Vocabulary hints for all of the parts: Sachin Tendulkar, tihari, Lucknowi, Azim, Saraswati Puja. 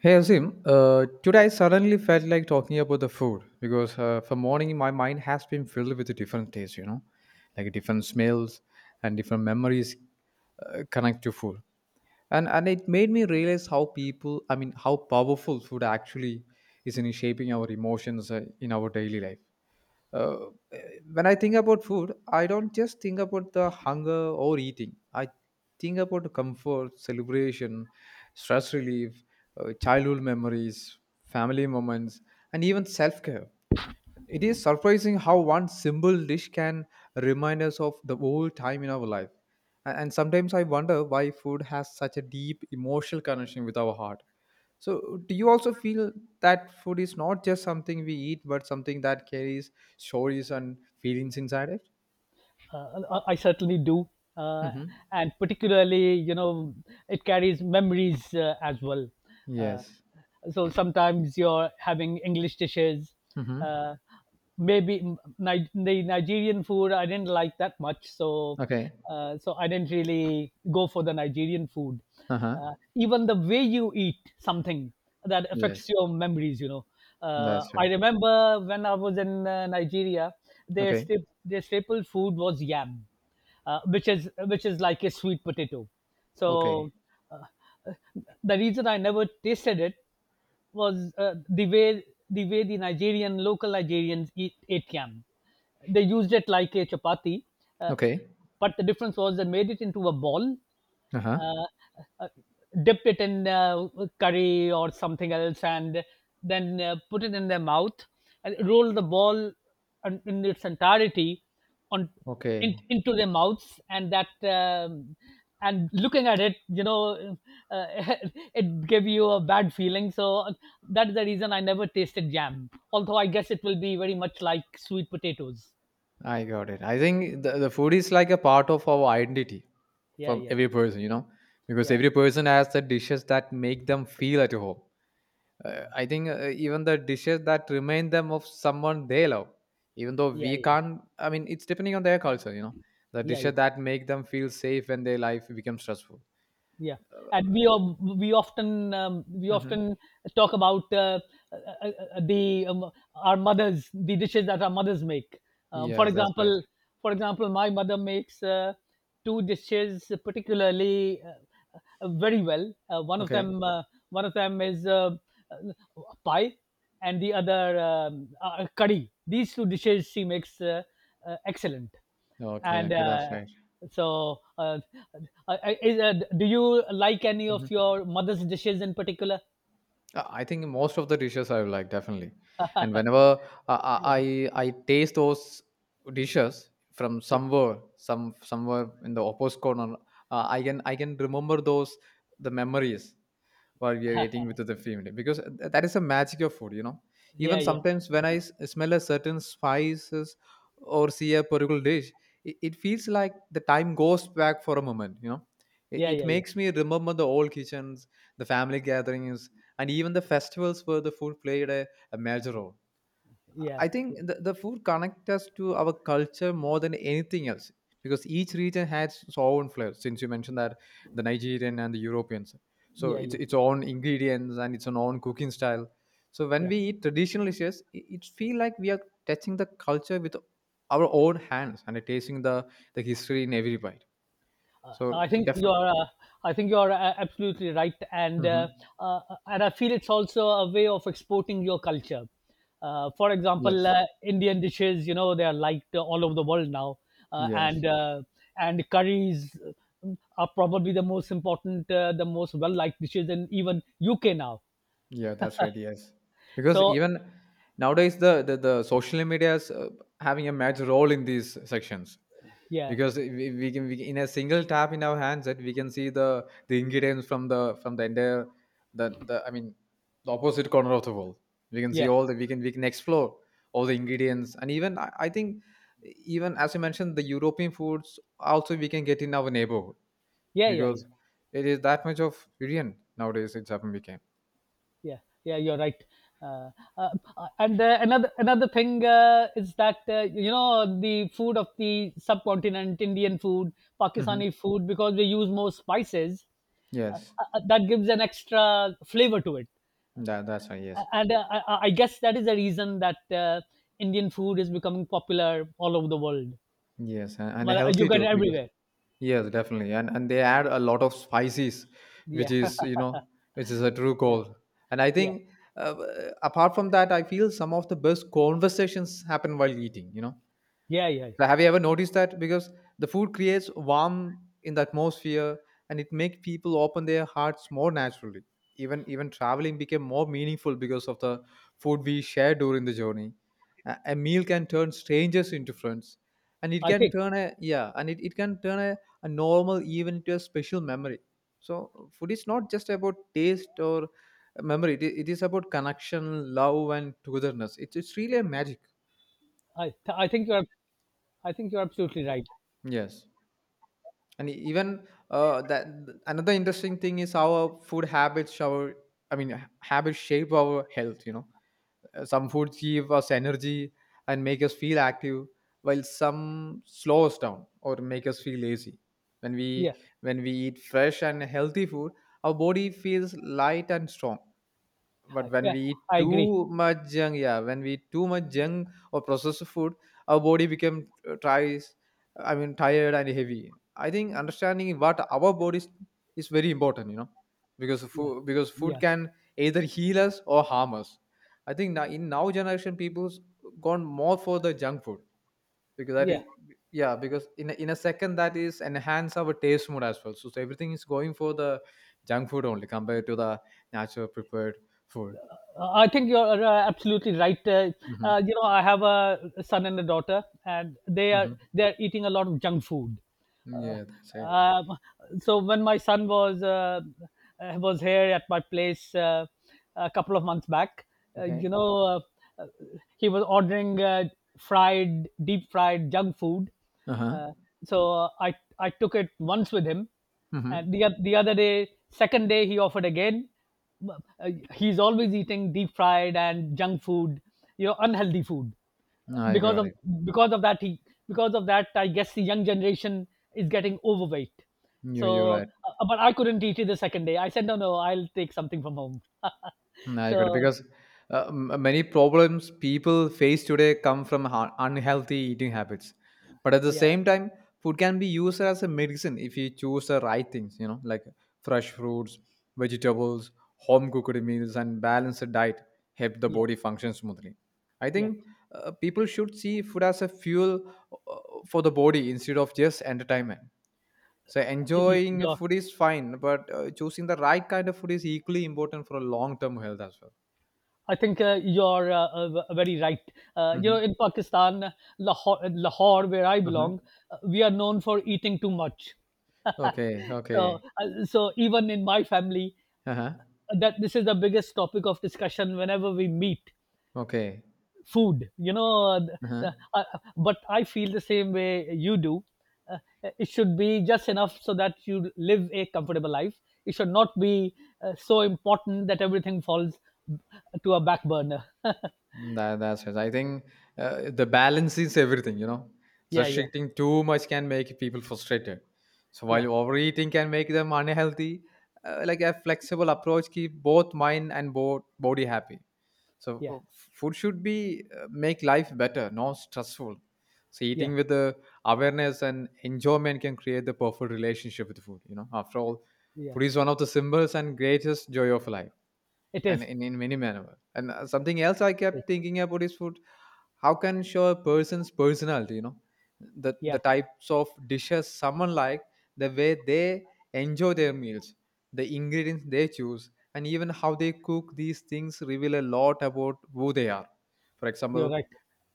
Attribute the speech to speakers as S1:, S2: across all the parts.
S1: Hey Azim, today I suddenly felt like talking about the food because for morning my mind has been filled with different tastes, you know, like different smells and different memories connect to food, and it made me realize how how powerful food actually is in shaping our emotions, in our daily life. Uh, when I think about food, I don't just think about the hunger or eating. I think about comfort, celebration, stress relief, childhood memories, family moments, and even self care. It is surprising how one simple dish can remind us of the whole time in our life. And sometimes I wonder why food has such a deep emotional connection with our heart. So, do you also feel that food is not just something we eat, but something that carries stories and feelings inside it?
S2: I certainly do, uh,
S1: Mm-hmm.
S2: and particularly, you know, it carries memories as well. Uh,
S1: Yes.
S2: so sometimes you're having English dishes.
S1: Mm-hmm.
S2: Uh, maybe the Nigerian food I didn't like that much, so
S1: Okay.
S2: so I didn't really go for the Nigerian food.
S1: Uh-huh.
S2: Even the way you eat something that affects
S1: Yes.
S2: your memories, you know.
S1: That's
S2: I
S1: right.
S2: remember when I was in Nigeria. Their
S1: Okay.
S2: their staple food was yam, which is like a sweet potato.
S1: Okay.
S2: So uh, the reason I never tasted it was the way the way the Nigerian local Nigerians eat ate yam. They used it like a chapati, uh,
S1: Okay.
S2: but the difference was they made it into a ball
S1: Uh-huh.
S2: uh, uh, dip it in curry or something else and then put it in their mouth and roll the ball in its entirety on
S1: Okay.
S2: into their mouths. And that and looking at it, you know, uh, it gave you a bad feeling, so that is the reason I never tasted jam, although I guess it will be very much like sweet potatoes.
S1: I got it. I think the food is like a part of our identity
S2: Yeah,
S1: from
S2: yeah, yeah,
S1: every person, you know, because
S2: yeah,
S1: every person has the dishes that make them feel at home. I think even the dishes that remind them of someone they love, even though
S2: yeah,
S1: we can't, I mean, it's depending on their culture, you know, the
S2: yeah, yeah,
S1: dishes that make them feel safe when their life becomes stressful.
S2: yeah, and we
S1: Hmm.
S2: often talk about uh, the our mothers the dishes that our mothers make, for
S1: Yes, that's right.
S2: example, for example my mother makes two dishes particularly, very well. One of
S1: Okay.
S2: them, one of them is pie, and the other curry. These two dishes she makes excellent.
S1: Okay.
S2: And
S1: Okay. That's right.
S2: so, do you like any of
S1: Mhm.
S2: your mother's dishes in particular?
S1: I think most of the dishes I like definitely, and whenever uh,
S2: Yeah,
S1: I I I taste those dishes from
S2: yeah,
S1: somewhere, somewhere in the opposite corner, I can remember those the memories while we are eating with the family because that is the magic of food, you know.
S2: yeah,
S1: Even
S2: yeah,
S1: sometimes when I smell a certain spices or see a particular dish, it feels like the time goes back for a moment, you know.
S2: yeah,
S1: It
S2: yeah, yeah,
S1: makes me remember the old kitchens, the family gatherings, and even the festivals where the food played a major role.
S2: yeah,
S1: I think
S2: yeah,
S1: the food connect us to our culture more than anything else, because each region has its own flavor. Since you mentioned that the Nigerian and the Europeans, so
S2: yeah,
S1: it's
S2: yeah,
S1: its own ingredients and its own cooking style. So when
S2: yeah.
S1: we eat traditional dishes, it feel like we are touching the culture with our own hands and tasting the history in every bite. So
S2: I think you
S1: definitely,
S2: are. Uh, I think you are absolutely right,
S1: hmm,
S2: uh, and I feel it's also a way of exporting your culture. For example,
S1: yes,
S2: Indian dishes, you know, they are liked all over the world now, uh,
S1: yes.
S2: and uh, and curries uh, are probably the most important, the most well liked dishes in even UK now.
S1: Yeah, that's right. Yes, because
S2: So
S1: even nowadays the social media is, having a major role in these sections,
S2: yeah,
S1: because in a single tap in our hands that we can see the ingredients from the entire the I mean the opposite corner of the world. We can see
S2: yeah,
S1: all the we can explore all the ingredients, and even I think even as you mentioned the European foods also we can get in our neighborhood,
S2: yeah, yeah, yeah,
S1: because it is that much of variant nowadays in Japan became.
S2: yeah, yeah. You're right. uh, uh, and another thing is that you know, the food of the subcontinent, Indian food,
S1: Hmm.
S2: Pakistani food, because we use more spices
S1: Yes.
S2: that gives an extra flavor to it.
S1: That that's right. Yes,
S2: And I I guess that is the reason that Indian food is becoming popular all over the world.
S1: yes, and
S2: Well,
S1: healthy
S2: you get
S1: too
S2: it
S1: because
S2: everywhere.
S1: yes, definitely, and they add a lot of spices, which
S2: Yeah.
S1: is you know which is a true
S2: Yeah,
S1: goal. And I
S2: yeah,
S1: think, uh, apart from that, I feel some of the best conversations happen while eating. You know,
S2: yeah, yeah, yeah.
S1: so have you ever noticed that? Because the food creates warmth in the atmosphere and it makes people open their hearts more naturally. Even traveling became more meaningful because of the food we share during the journey. A meal can turn strangers into friends. And it
S2: i
S1: can
S2: think
S1: turn a yeah, and it can turn a normal even into a special memory. So food is not just about taste or memory, it is about connection, love and togetherness. It's really a magic.
S2: i I think you're I think you're absolutely right.
S1: Yes. And even that another interesting thing is how our food habits, our habits shape our health. You know, some foods give us energy and make us feel active, while some slow us down or make us feel lazy. When we
S2: Yeah.
S1: when we eat fresh and healthy food, our body feels light and strong, but
S2: I,
S1: when
S2: yeah
S1: we eat
S2: I agree.
S1: too much junk or processed food our body become, tries I mean tired and heavy. I think understanding what our bodies is very important, you know, because
S2: Yeah,
S1: food
S2: yeah,
S1: can either heal us or harm us. I think now generation people's gone more for the junk food, because that
S2: yeah.
S1: is, yeah, because in in a second that is enhance our taste mood as well, so, so everything is going for the junk food only compared to the natural prepared food.
S2: I think you're absolutely right. Uh,
S1: Mm-hmm.
S2: uh, you know, I have a son and a daughter, and
S1: Mm-hmm.
S2: they are eating a lot of junk food. Uh,
S1: Yeah, that's it.
S2: Um, so when my son was here at my place a couple of months back, you
S1: Okay.
S2: know, uh, uh, he was ordering fried, deep fried junk food.
S1: Uh-huh.
S2: Uh, so I took it once with him,
S1: Mm-hmm.
S2: and the other day, second day, he offered again. He's always eating deep fried and junk food, you know, unhealthy food
S1: I
S2: because
S1: got
S2: of
S1: it.
S2: because of that he because of that I guess the young generation is getting overweight.
S1: You're
S2: So
S1: right.
S2: but I couldn't eat it the second day. I said, no, no, I'll take something from home.
S1: Mm, I got it
S2: So
S1: because many problems people face today come from unhealthy eating habits. But at the
S2: yeah,
S1: same time, food can be used as a medicine if you choose the right things, you know, like fresh fruits, vegetables, home cooked meals, and balanced diet help the
S2: yeah,
S1: body function smoothly. I
S2: yeah.
S1: think people should see food as a fuel uh, for the body instead of just entertainment. So
S2: Y- y-
S1: enjoying
S2: you're-
S1: food is fine, but choosing the right kind of food is equally important for a long-term health as well.
S2: I think you're very right. Uh, you know,
S1: Mhm.
S2: in Pakistan, lahore, Lahore where I
S1: Uh-huh.
S2: belong, we are known for eating too much.
S1: Okay,
S2: So
S1: okay.
S2: so even in my family
S1: Uh-huh.
S2: that this is the biggest topic of discussion whenever we meet
S1: Okay.
S2: food, you know,
S1: Uh-huh.
S2: but I feel the same way you do. Uh, it should be just enough so that you live a comfortable life. It should not be so important that everything falls uh, to a back burner.
S1: Mm, that that's it. I think the balance is everything, you know.
S2: Yeah, yeah,
S1: Restricting too much can make people frustrated. So while
S2: yeah,
S1: overeating can make them unhealthy, like a flexible approach keep both mind and body happy. So
S2: yeah,
S1: food should be make life better, not stressful. So
S2: yeah,
S1: eating with the awareness and enjoyment can create the perfect relationship with food. You know, after all,
S2: yeah.
S1: food is one of the symbols and greatest joy of life,
S2: It
S1: and
S2: is,
S1: in many manner. And something else I
S2: it is.
S1: kept thinking about is food how can show a person's personality, you know, the
S2: Yeah,
S1: types of dishes someone like, the way they enjoy their meals, the ingredients they choose, and even how they cook these things reveal a lot about who they are. For
S2: you're
S1: example,
S2: right.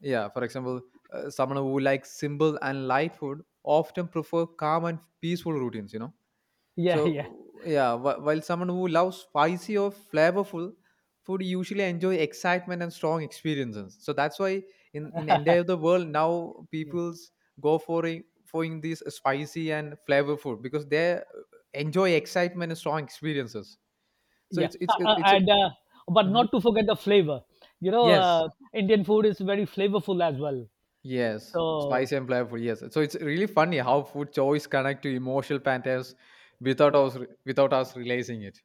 S1: yeah, for example, someone who likes simple and light food often prefer calm and peaceful routines, you know,
S2: Yeah, yeah,
S1: so yeah, while someone who loves spicy or flavorful food usually enjoy excitement and strong experiences. So that's why in entire the world now
S2: yeah,
S1: people's go for for in these spicy and flavor food because they, enjoy excitement and strong experiences. So
S2: yeah.
S1: it's it's it's a,
S2: And but
S1: hmm,
S2: not to forget the flavor, you know.
S1: yes,
S2: Uh, Indian food is very flavorful as well.
S1: yes,
S2: So
S1: spicy and flavorful, yes. So it's really funny how food choice connect to emotional patterns without
S2: yeah.
S1: us without us realizing it.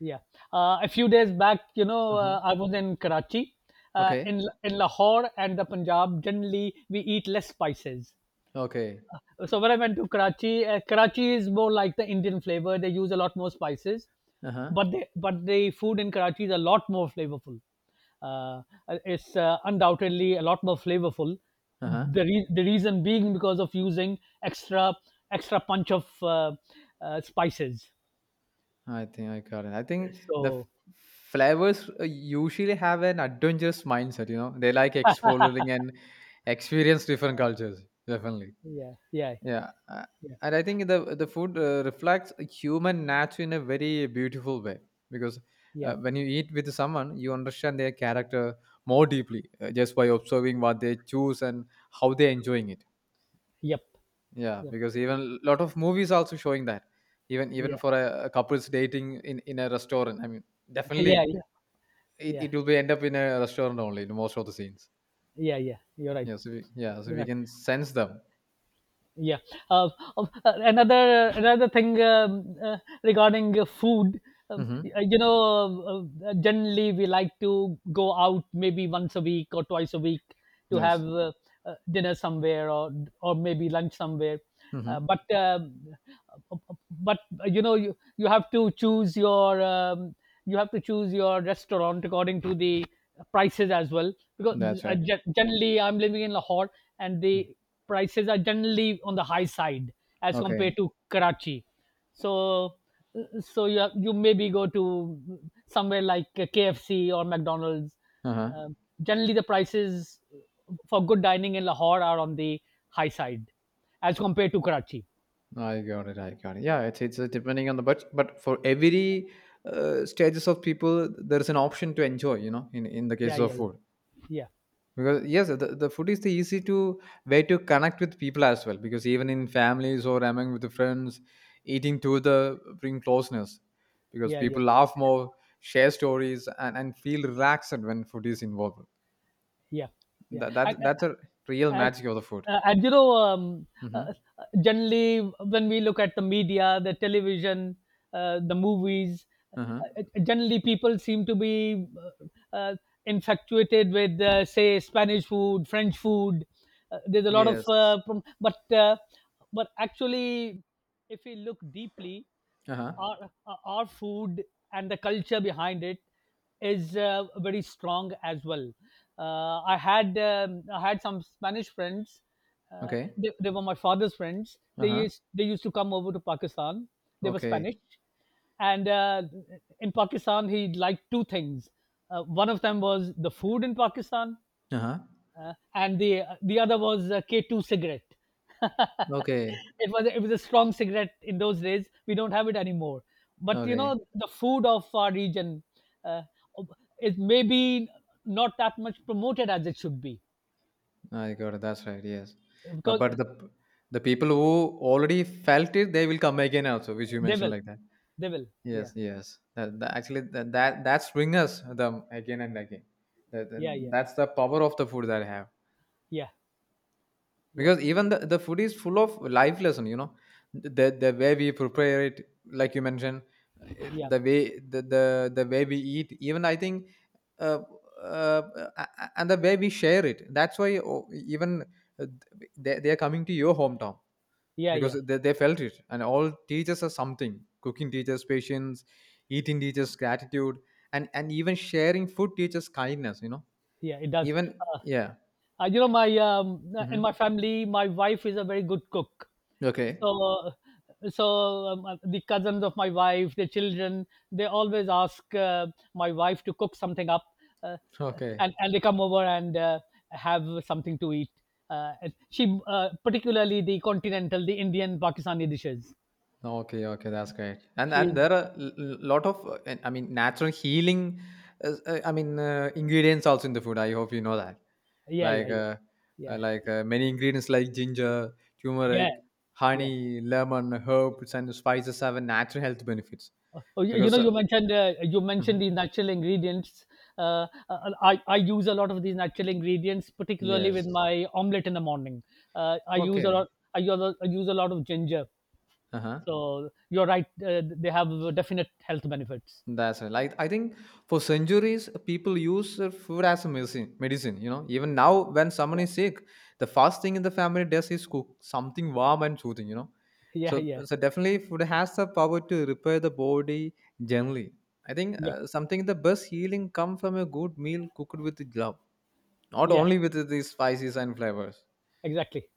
S2: Yeah. A few days back, you know,
S1: Hmm.
S2: I was in Karachi,
S1: Okay,
S2: in Lahore and the Punjab. Generally, we eat less spices.
S1: okay,
S2: So when I went to Karachi, Karachi is more like the Indian flavor. They use a lot more spices,
S1: uh huh.
S2: but the food in Karachi is a lot more flavorful. Uh, it's undoubtedly a lot more flavorful.
S1: Uh-huh.
S2: The reason being because of using extra extra punch of spices.
S1: I think I got it. I think the
S2: So
S1: flavors usually have an adventurous mindset, you know. They like exploring and experience different cultures, definitely.
S2: yeah, yeah,
S1: Yeah.
S2: yeah.
S1: And I think the food reflects human nature in a very beautiful way, because
S2: Yeah.
S1: when you eat with someone, you understand their character more deeply, just by observing what they choose and how they're enjoying it.
S2: Yep.
S1: Yeah,
S2: Yep.
S1: because even a lot of movies also showing that. Even
S2: Yeah.
S1: even for a couples dating in a restaurant. I mean,
S2: Yeah,
S1: definitely
S2: yeah, yeah,
S1: it will be end up in a restaurant only in most of the scenes.
S2: yeah, yeah. You're right.
S1: Yeah, so
S2: You're
S1: we
S2: right.
S1: can sense them.
S2: Yeah. Uh, another thing regarding food.
S1: Mm-hmm.
S2: You know, generally we like to go out maybe once a week or twice a week to have
S1: Yes.
S2: dinner somewhere, or maybe lunch somewhere. Uh,
S1: Mm-hmm.
S2: but um, but you know, you have to choose your restaurant according to the prices as well, because
S1: That's right.
S2: generally I'm living in Lahore, and the prices are generally on the high side as
S1: Okay.
S2: compared to Karachi. So so you maybe go to somewhere like KFC or McDonald's.
S1: Uh-huh.
S2: Um, generally, the prices for good dining in Lahore are on the high side as compared to Karachi.
S1: I got it. I got it. Yeah, it's depending on the budget, but for every stages of people, there is an option to enjoy. You know, in the
S2: Yeah,
S1: case of
S2: yeah, yeah,
S1: food,
S2: yeah,
S1: because yes, the food is the easy to way to connect with people as well. Because even in families or among with the friends, eating together bring closeness. Because
S2: yeah, yeah,
S1: people laugh more, share stories, and feel relaxed when food is involved.
S2: yeah, yeah.
S1: That's a real
S2: And
S1: magic of the food.
S2: and you know,
S1: Mm-hmm.
S2: uh, generally when we look at the media, the television, the movies,
S1: Uh huh.
S2: generally people seem to be uh, uh, infatuated with say Spanish food, French food. Uh, there's a lot of
S1: Yes.
S2: but actually, if we look deeply,
S1: Uh huh.
S2: our our food and the culture behind it is very strong as well. I had some Spanish friends.
S1: Okay.
S2: They were my father's friends.
S1: Uh huh.
S2: They used to come over to Pakistan. They were Spanish,
S1: Okay.
S2: and in Pakistan he liked two things. One of them was the food in Pakistan,
S1: Uh huh.
S2: and the other was K2 cigarette.
S1: Okay.
S2: It was it was a strong cigarette in those days. We don't have it anymore. But you
S1: Okay.
S2: know, the food of our region uh, is maybe not that much promoted as it should be,
S1: I got it. That's right. Yes, but
S2: because
S1: the people who already felt it, they will come again also, which you
S2: they
S1: mentioned
S2: will
S1: like that.
S2: they will. Yeah,
S1: Yes, yes. That, that actually that that That's bring us them again and again. That, that-
S2: yeah, yeah,
S1: that's the power of the food that I have,
S2: yeah, yeah,
S1: because even the food is full of life lesson. The way we prepare it, like you mentioned,
S2: yeah,
S1: the way the way we eat, even I think uh, uh, and the way we share it, that's why, oh, even uh, they are coming to your hometown
S2: yeah, yeah.
S1: because they felt it, and all teaches us something. Cooking teaches patience, eating teaches gratitude, and even sharing food teaches kindness.
S2: Yeah, it does.
S1: Even
S2: Uh,
S1: yeah.
S2: You know, my in
S1: Hmm.
S2: my family, my wife is a very good cook.
S1: Okay,
S2: So, so the cousins of my wife, the children, they always ask my wife to cook something up, uh,
S1: okay.
S2: and they come over and have something to eat. And she particularly the continental, the Indian, Pakistani dishes.
S1: Okay, okay, that's great. And
S2: She,
S1: there are lot of I mean natural healing. I mean ingredients also in the food. I hope you know that.
S2: yeah, yeah,
S1: Like
S2: yeah,
S1: uh,
S2: yeah,
S1: like many ingredients like ginger,
S2: yeah,
S1: turmeric,
S2: yeah.
S1: honey, lemon, herbs, and spices have a natural health benefits.
S2: Oh, you
S1: Because.
S2: know, you
S1: Mhm.
S2: mentioned the natural ingredients. I use a lot of these natural ingredients, particularly with
S1: Yes.
S2: my omelette in the morning. I use a
S1: Okay.
S2: lot. I use a lot of ginger.
S1: Uh huh.
S2: So you're right. They have definite health benefits.
S1: That's right. Like I think for centuries people use food as a medicine. Medicine, you know. Even now, when someone
S2: Yeah,
S1: is sick, the first thing in the family does is cook something warm and soothing. You know.
S2: yeah,
S1: So
S2: yeah,
S1: so definitely food has the power to repair the body generally. I think
S2: yeah,
S1: something the best healing come from a good meal cooked with love, not
S2: yeah.
S1: only with the spices and flavors.
S2: Exactly,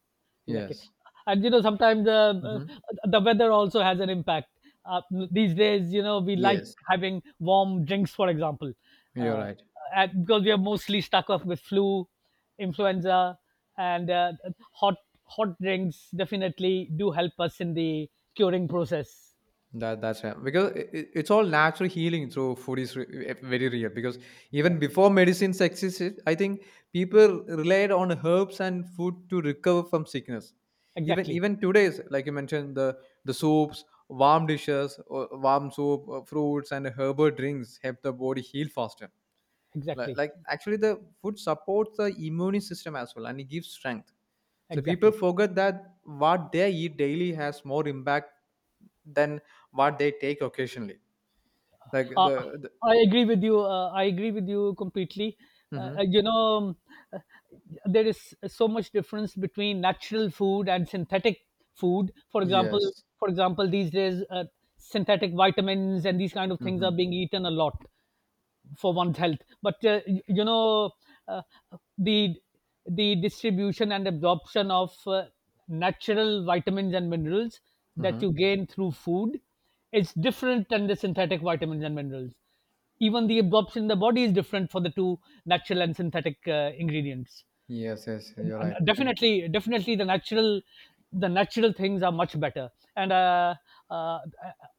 S2: exactly.
S1: Yes.
S2: And you know, sometimes
S1: Hmm.
S2: the weather also has an impact. Uh, these days, you know, we like
S1: Yes.
S2: having warm drinks, for example,
S1: You're
S2: uh,
S1: right.
S2: and because we are mostly stuck off with flu, influenza, and hot hot drinks definitely do help us in the curing process.
S1: That that's right. Because it's all natural healing through food is very real. Because
S2: Yeah,
S1: even before medicines existed, I think people relied on herbs and food to recover from sickness. Even
S2: exactly,
S1: today's, like you mentioned, the soups, warm dishes, or warm soup, fruits, and herbal drinks help the body heal faster.
S2: exactly,
S1: Like actually, the food supports the immune system as well, and it gives strength. So people
S2: exactly.
S1: forget that what they eat daily has more impact than what they take occasionally. Like
S2: Uh,
S1: the
S2: I agree with you. I agree with you completely. Uh,
S1: hmm.
S2: uh, you know, uh, there is so much difference between natural food and synthetic food. For example,
S1: Yes.
S2: these days, synthetic vitamins and these kind of things are
S1: Hmm.
S2: being eaten a lot for one's health. But you know, uh, the the distribution and absorption of natural vitamins and minerals
S1: Hmm.
S2: that you gain through food is different than the synthetic vitamins and minerals. Even the absorption in the body is different for the two, natural and synthetic ingredients.
S1: Yes, yes, you're
S2: And
S1: right.
S2: definitely the natural things are much better, and uh,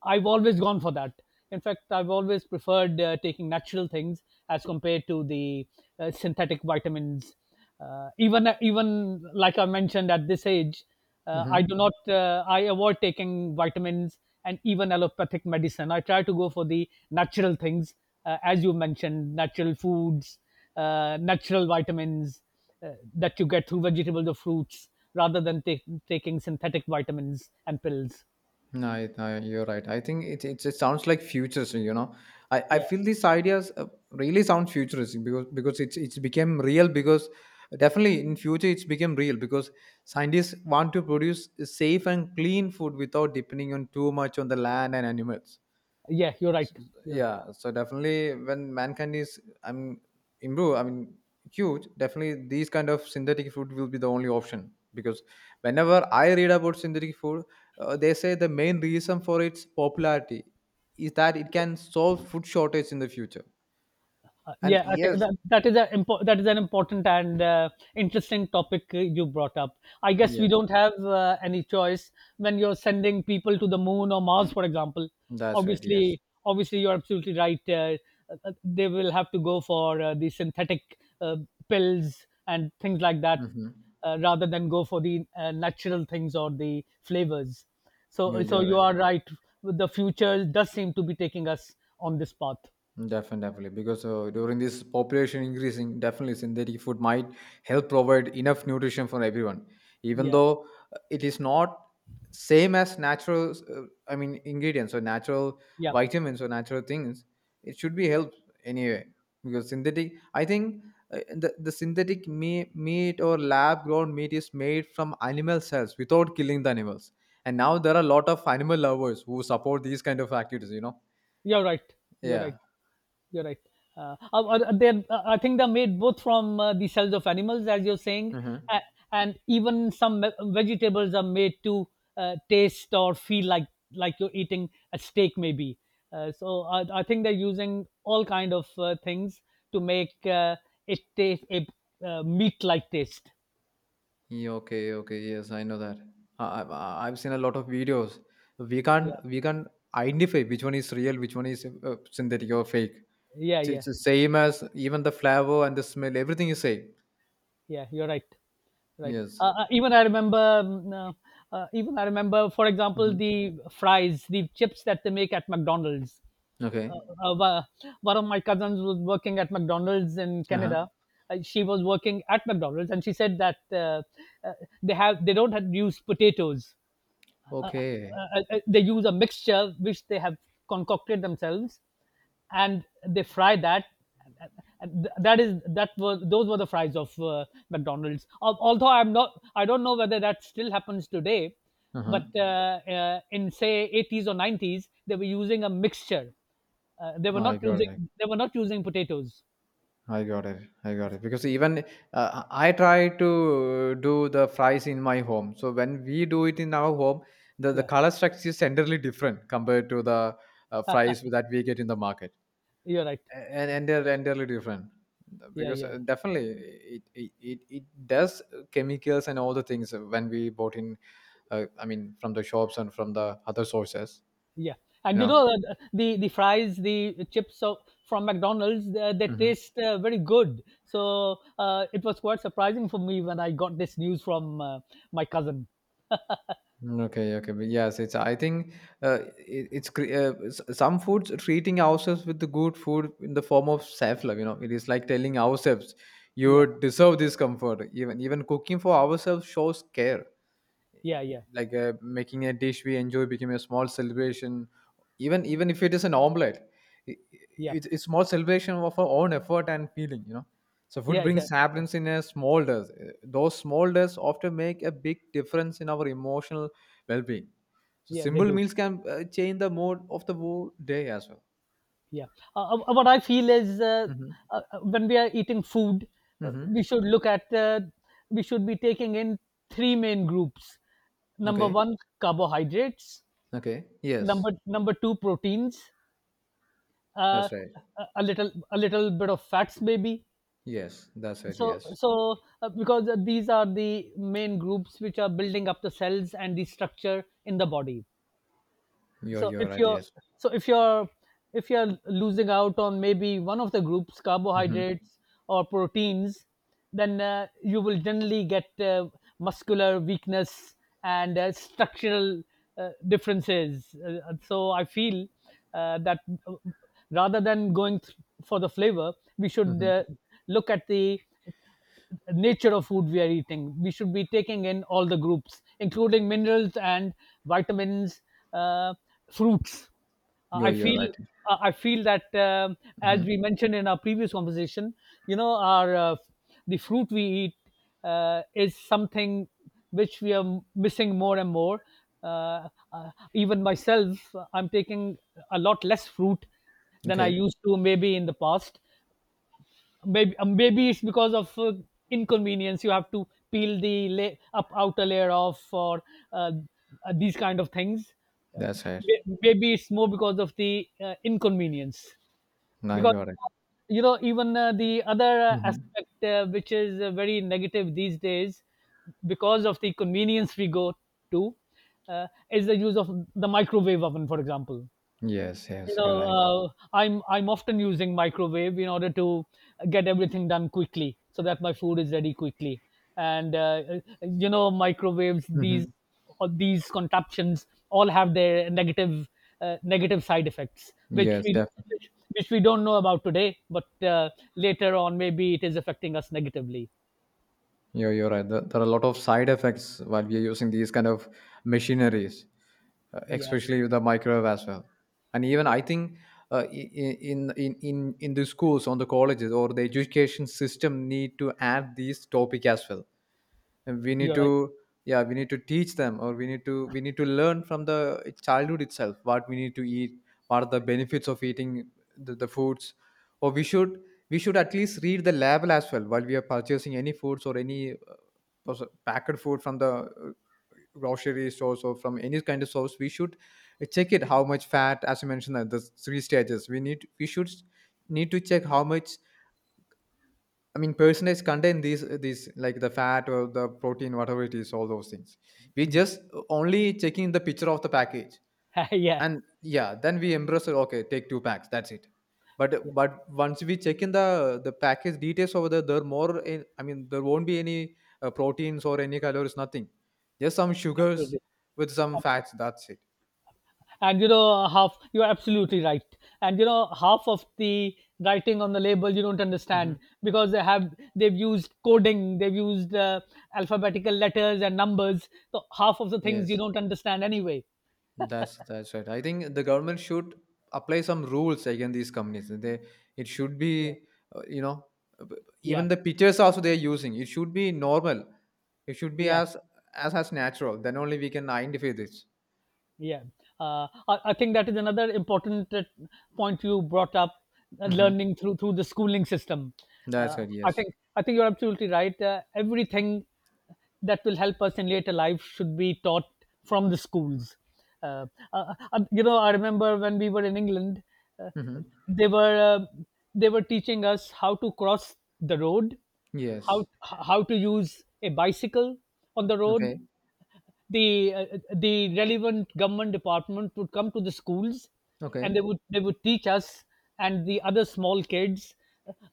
S2: I've always gone for that. In fact, I've always preferred taking natural things as compared to the synthetic vitamins. Uh, even like I mentioned, at this age, I do
S1: Mm-hmm.
S2: not I avoid taking vitamins, and even allopathic medicine I try to go for the natural things, as you mentioned, natural foods, natural vitamins, that you get through vegetables or fruits, rather than taking synthetic vitamins and pills.
S1: No, you're right. I think it sounds like futuristic. You know, I
S2: Yeah,
S1: feel these ideas really sound futuristic, because it's became real. Because definitely in future it's become real, because scientists want to produce safe and clean food without depending on too much on the land and animals.
S2: yeah, you're right. You're right.
S1: Yeah. So definitely when mankind is, I'm improve, I mean, huge, definitely these kind of synthetic food will be the only option, because whenever I read about synthetic food, they say the main reason for its popularity is that it can solve food shortage in the future. And
S2: Yeah, I think
S1: yes,
S2: that is an important and interesting topic you brought up. I guess we
S1: yes,
S2: don't have any choice when you're sending people to the moon or Mars, for example.
S1: that's right. Yes.
S2: Obviously, you're absolutely right. They will have to go for the synthetic uh, pills and things like that,
S1: Hmm.
S2: rather than go for the natural things or the flavors.
S1: You
S2: So,
S1: you're
S2: you
S1: right.
S2: are right. The future does seem to be taking us on this path.
S1: Definitely. Because during this population increasing, definitely synthetic food might help provide enough nutrition for everyone. Even
S2: Yeah,
S1: though it is not same as natural, I mean ingredients, or natural
S2: yeah.
S1: vitamins, or natural things, it should be helped anyway. Because synthetic, I think the synthetic meat, meat or lab grown meat is made from animal cells without killing the animals. And now there are a lot of animal lovers who support these kind of activities. You know?
S2: You're right. You're right.
S1: Yeah.
S2: You're right. I think they're made both from the cells of animals, as you're saying,
S1: Mm-hmm.
S2: uh, and even some vegetables are made to taste or feel like you're eating a steak, maybe. So I think they're using all kind of things to make it taste a meat-like taste.
S1: Yeah, okay, okay, yes, I know that. I've seen a lot of videos. We
S2: Yeah,
S1: can't we can't identify which one is real, which one is synthetic or fake.
S2: yeah, yeah.
S1: It's the same as even the flavor and the smell. Everything is same.
S2: Yeah, you're right. Right.
S1: Yes.
S2: Even I remember um, uh, even I remember, for example,
S1: Hmm.
S2: the fries, the chips that they make at McDonald's. uh,
S1: Okay.
S2: uh, wa- one of my cousins was working at McDonald's in
S1: Uh huh.
S2: Canada. She was working at McDonald's, and she said that uh, they don't have, use potatoes. uh,
S1: Okay.
S2: uh, uh, they use a mixture which they have concocted themselves, and they fry that. And that is that was those were the fries of McDonald's. Although I don't know whether that still happens today,
S1: Uh huh.
S2: but in say 80s or 90s they were using a mixture. uh, they were
S1: I
S2: not
S1: got
S2: using
S1: it.
S2: they were not using potatoes.
S1: I got it. I got it. Because even I try to do the fries in my home. So when we do it in our home, the
S2: Yeah,
S1: color structure is entirely different compared to the fries that we get in the market.
S2: you're right.
S1: And they're entirely different.
S2: Yeah,
S1: Because
S2: yeah.
S1: definitely it does chemicals and all the things when we bought in, I mean, from the shops and from the other sources,
S2: Yeah,
S1: you
S2: and you
S1: know.
S2: know, the fries, the chips of, from McDonald's, they
S1: Mm-hmm.
S2: taste very good. So it was quite surprising for me when I got this news from my cousin.
S1: Okay, okay, but yes, it's, I think it, it's cre- s- some foods treating ourselves with the good food in the form of self-love. You know, it is like telling ourselves,
S2: Yeah,
S1: "You deserve this comfort." Even cooking for ourselves shows care,
S2: yeah, yeah,
S1: like making a dish we enjoy became a small celebration, even if it is an omelette. it,
S2: yeah,
S1: it's small celebration of our own effort and feeling, you know. So food
S2: yeah, yeah,
S1: brings
S2: yeah,
S1: happiness in a small does, those small does often make a big difference in our emotional well-being. So
S2: yeah. They
S1: simple
S2: do.
S1: meals can change the mood of the whole day as well.
S2: Yeah. What I feel is,
S1: Hmm.
S2: when we are eating food, uh,
S1: Hmm.
S2: we should look at uh, we should be taking in three main groups. Number
S1: Okay,
S2: one, carbohydrates.
S1: okay. Yes,
S2: Number two, proteins, uh,
S1: that's right.
S2: a little bit of fats maybe.
S1: Yes, that's right.
S2: so
S1: Yes,
S2: so uh, because uh, these are the main groups which are building up the cells and the structure in the body. so
S1: you're
S2: if
S1: right.
S2: you're
S1: Yes.
S2: so if you're if you're losing out on maybe one of the groups,
S1: Hmm.
S2: carbohydrates or proteins, then you will generally get muscular weakness and structural differences. So I feel that, uh, rather than going for the flavor, we should
S1: Hmm.
S2: look at the nature of food we are eating. We should be taking in all the groups, including minerals and vitamins, uh, fruits. Uh,
S1: you're
S2: I
S1: you're
S2: feel
S1: right.
S2: I feel that, as we
S1: Hmm.
S2: mentioned in our previous conversation, you know, our the fruit we eat is something which we are missing more and more. Even myself, I'm taking a lot less fruit than I
S1: Okay,
S2: used to, maybe in the past. Maybe it's because of inconvenience. You have to peel the up outer layer off, or uh, these kind of things. Uh,
S1: that's right.
S2: Maybe it's more because of the inconvenience,
S1: I
S2: because
S1: got it.
S2: you know, even the other
S1: Hmm.
S2: aspect, which is very negative these days, because of the convenience we go to, uh, is the use of the microwave oven, for example.
S1: Yes,
S2: You
S1: yes,
S2: know,
S1: you're right.
S2: I'm often using microwave in order to get everything done quickly so that my food is ready quickly, and you know, microwaves these
S1: Hmm.
S2: all these contraptions all have their negative side effects,
S1: Yes, definitely.
S2: which, which we don't know about today, but later on maybe it is affecting us negatively.
S1: You're right. There are a lot of side effects while we are using these kind of machineries,
S2: Yeah,
S1: especially with the microwave as well. And even
S2: yeah,
S1: I think in, in the schools, on the colleges, or the education system need to add these topic as well. And we need
S2: you're right.
S1: to, yeah, we need to teach them, or we need to learn from the childhood itself what we need to eat, what are the benefits of eating the foods. Or we should, we should at least read the label as well while we are purchasing any foods or any packed food from the grocery stores or from any kind of source. We should check it how much fat, as you mentioned, the three stages, we should need to check how much, I mean, personalized contain these like the fat or the protein, whatever it is, all those things. We just only checking the picture of the package,
S2: Yeah,
S1: and yeah, then we embrace it. Okay, take two packs. That's it.
S2: yeah,
S1: But once we check in the package details over there, there more. In, I mean, there won't be any proteins or any calories, nothing. Just some sugars
S2: absolutely.
S1: with some fats. That's it.
S2: And you know, half you're absolutely right. And you know, half of the writing on the label you don't
S1: Hmm.
S2: understand, because they've used coding, they've used alphabetical letters and numbers, so half of the things you
S1: Yes.
S2: don't understand anyway.
S1: That's right. I think the government should apply some rules against these companies. They, it should
S2: Yeah,
S1: be you know, b-
S2: yeah,
S1: even the pictures also they are using. It should be normal. It should be
S2: yeah.
S1: as as natural. Then only we can identify this.
S2: Yeah, I think that is another important point you brought up:
S1: Hmm.
S2: learning through the schooling system.
S1: That's
S2: Uh,
S1: right.
S2: I
S1: Yes.
S2: think I think you're absolutely right. Everything that will help us in later life should be taught from the schools. Uh, you know, I remember when we were in England, uh,
S1: Hmm.
S2: they were uh, they were teaching us how to cross the road,
S1: Yes.
S2: how to use a bicycle on the road.
S1: Okay.
S2: The relevant government department would come to the schools,
S1: Okay.
S2: and they would teach us and the other small kids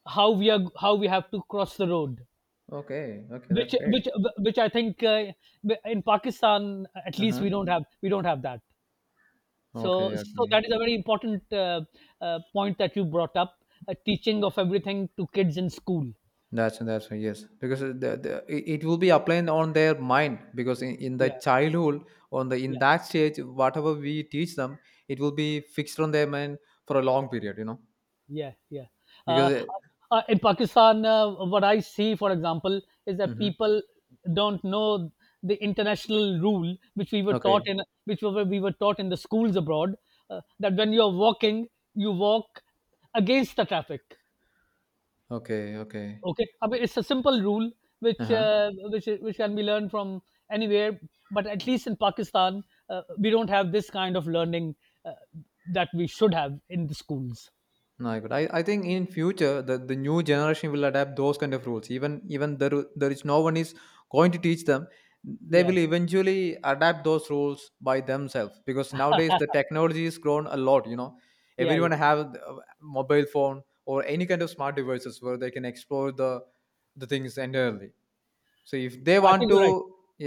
S2: how we have to cross the road,
S1: Okay. Okay. That's
S2: which
S1: great.
S2: which which I think, in Pakistan at
S1: Uh
S2: least,
S1: huh.
S2: we don't have that. so
S1: Okay.
S2: so
S1: Okay.
S2: that is a very important, point that you brought up, a teaching of everything to kids in school.
S1: That's yes, because it it will be applied on their mind, because in the
S2: Yeah,
S1: childhood, on the in
S2: yeah.
S1: that stage whatever we teach them, it will be fixed on their mind for a long period, you know.
S2: Yeah, yeah.
S1: Because
S2: Uh, in Pakistan, what I see, for example, is that
S1: hmm.
S2: people don't know the international rule, which we were taught
S1: Okay,
S2: in, which we were taught in the schools abroad, that when you're walking, you walk against the traffic.
S1: okay, okay.
S2: Okay, I mean it's a simple rule
S1: Uh
S2: which
S1: huh.
S2: uh, which which can be learned from anywhere, but at least in Pakistan, we don't have this kind of learning uh, that we should have in the schools.
S1: No, I could. I think in future the new generation will adapt those kind of rules. Even there, there is no one is going to teach them. They
S2: Yeah,
S1: will eventually adapt those rules by themselves, because nowadays the technology is grown a lot. You know,
S2: yeah,
S1: everyone
S2: yeah.
S1: have a mobile phone or any kind of smart devices where they can explore the things entirely. So if they
S2: I
S1: want
S2: think
S1: to,
S2: you're right.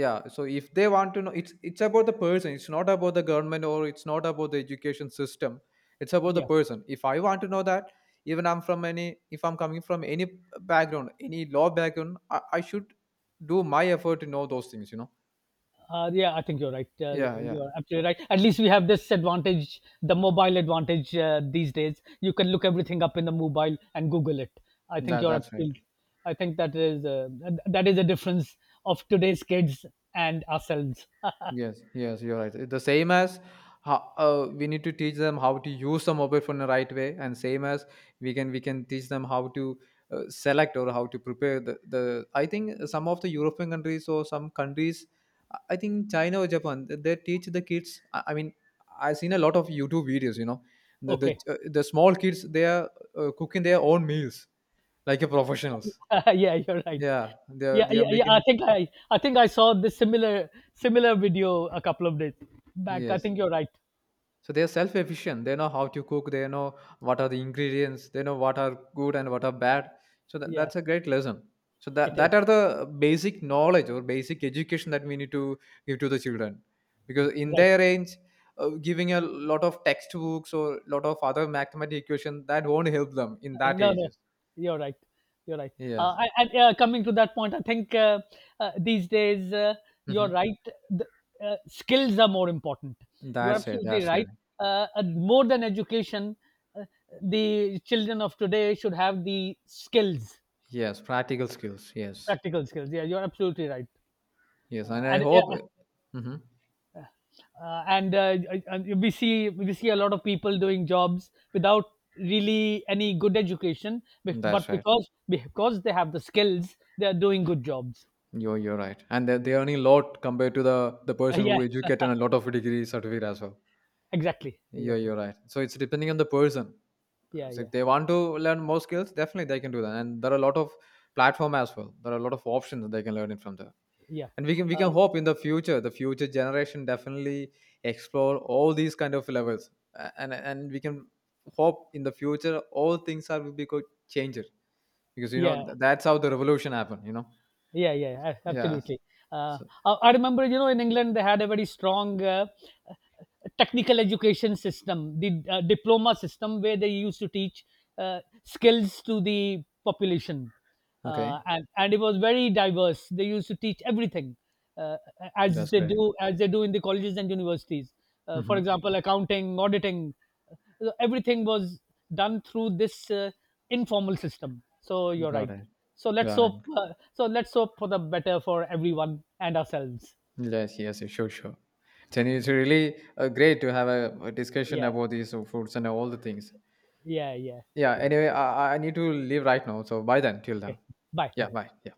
S1: yeah, so if they want to know, it's about the person, it's not about the government or it's not about the education system. It's about the
S2: Yeah.
S1: person. If I want to know that, even I'm from any if I'm coming from any background, any law background, I should do my effort to know those things, you know.
S2: Yeah, I think you're right.
S1: Yeah, yeah,
S2: You're absolutely right. At least we have this advantage, the mobile advantage, these days. You can look everything up in the mobile and Google it. I think
S1: that
S2: you're
S1: that's right.
S2: absolutely. I think that is that is a difference of today's kids and ourselves.
S1: Yes, yes, you're right. The same as how, we need to teach them how to use the mobile phone the right way, and same as we can teach them how to select or how to prepare the, the. I think some of the European countries or some countries, I think China or Japan, they teach the kids. I mean, I've seen a lot of YouTube videos. You know,
S2: Okay.
S1: the small kids they are cooking their own meals like a professionals.
S2: Yeah, you're right.
S1: Yeah, they are
S2: Yeah,
S1: they
S2: yeah,
S1: are
S2: yeah. I
S1: making.
S2: think I, I think I saw this similar video a couple of days back. I
S1: Yes.
S2: think you're right.
S1: So they're self-efficient. They know how to cook. They know what are the ingredients. They know what are good and what are bad. So that,
S2: Yeah,
S1: that's a great lesson. So that
S2: it is
S1: that are the basic knowledge or basic education that we need to give to the children, because in
S2: right.
S1: their age, giving a lot of textbooks or lot of other mathematical equation that won't help them in that
S2: No, no,
S1: ages.
S2: you're right. You're right. Uh,
S1: Yes.
S2: I, and coming to that point, I think, these days, you're
S1: Hmm.
S2: right. The, skills are more important. You're
S1: That's it.
S2: absolutely
S1: That's it.
S2: right. And more than education, uh, the children of today should have the skills,
S1: Yes. Practical skills. Yes.
S2: practical skills. Yeah, you're absolutely right.
S1: Yes. And I
S2: And yeah,
S1: hope. Hmm.
S2: uh, and uh, and we see a lot of people doing jobs without really any good education, be- but
S1: That's right.
S2: because they have the skills, they are doing good jobs.
S1: You're right, and they earning a lot compared to the person who
S2: Yeah,
S1: educated and a lot of degree certificate as well.
S2: exactly,
S1: Yeah,
S2: exactly.
S1: you're right. So it's depending on the person.
S2: Yeah,
S1: So if
S2: yeah,
S1: they want to learn more skills, definitely they can do that. And there are a lot of platform as well. There are a lot of options that they can learn it from there.
S2: yeah.
S1: And we can
S2: uh,
S1: hope in the future generation definitely explore all these kind of levels. And we can hope in the future all things are will be good changes, because you know
S2: yeah.
S1: that's how the revolution happened. You know.
S2: Yeah, yeah,
S1: Yeah.
S2: absolutely. Uh,
S1: So
S2: I remember, you know, in England they had a very strong technical education system, the diploma system, where they used to teach skills to the population,
S1: okay,
S2: and it was very diverse. They used to teach everything, uh, as
S1: that's
S2: they
S1: great.
S2: do as they do in the colleges and universities. For
S1: Mm-hmm.
S2: example, accounting, auditing, so everything was done through this informal system. So you're
S1: Got
S2: right.
S1: it.
S2: So let's
S1: Got it.
S2: hope. So let's hope for the better for everyone and ourselves.
S1: Yes, yes, yes, sure, sure. Then it's really great to have a discussion
S2: Yeah,
S1: about these foods and all the things.
S2: yeah, yeah,
S1: Yeah,
S2: yeah.
S1: anyway, I need to leave right now. So bye then, till then.
S2: Okay. Bye,
S1: Yeah,
S2: bye.
S1: bye. Yeah.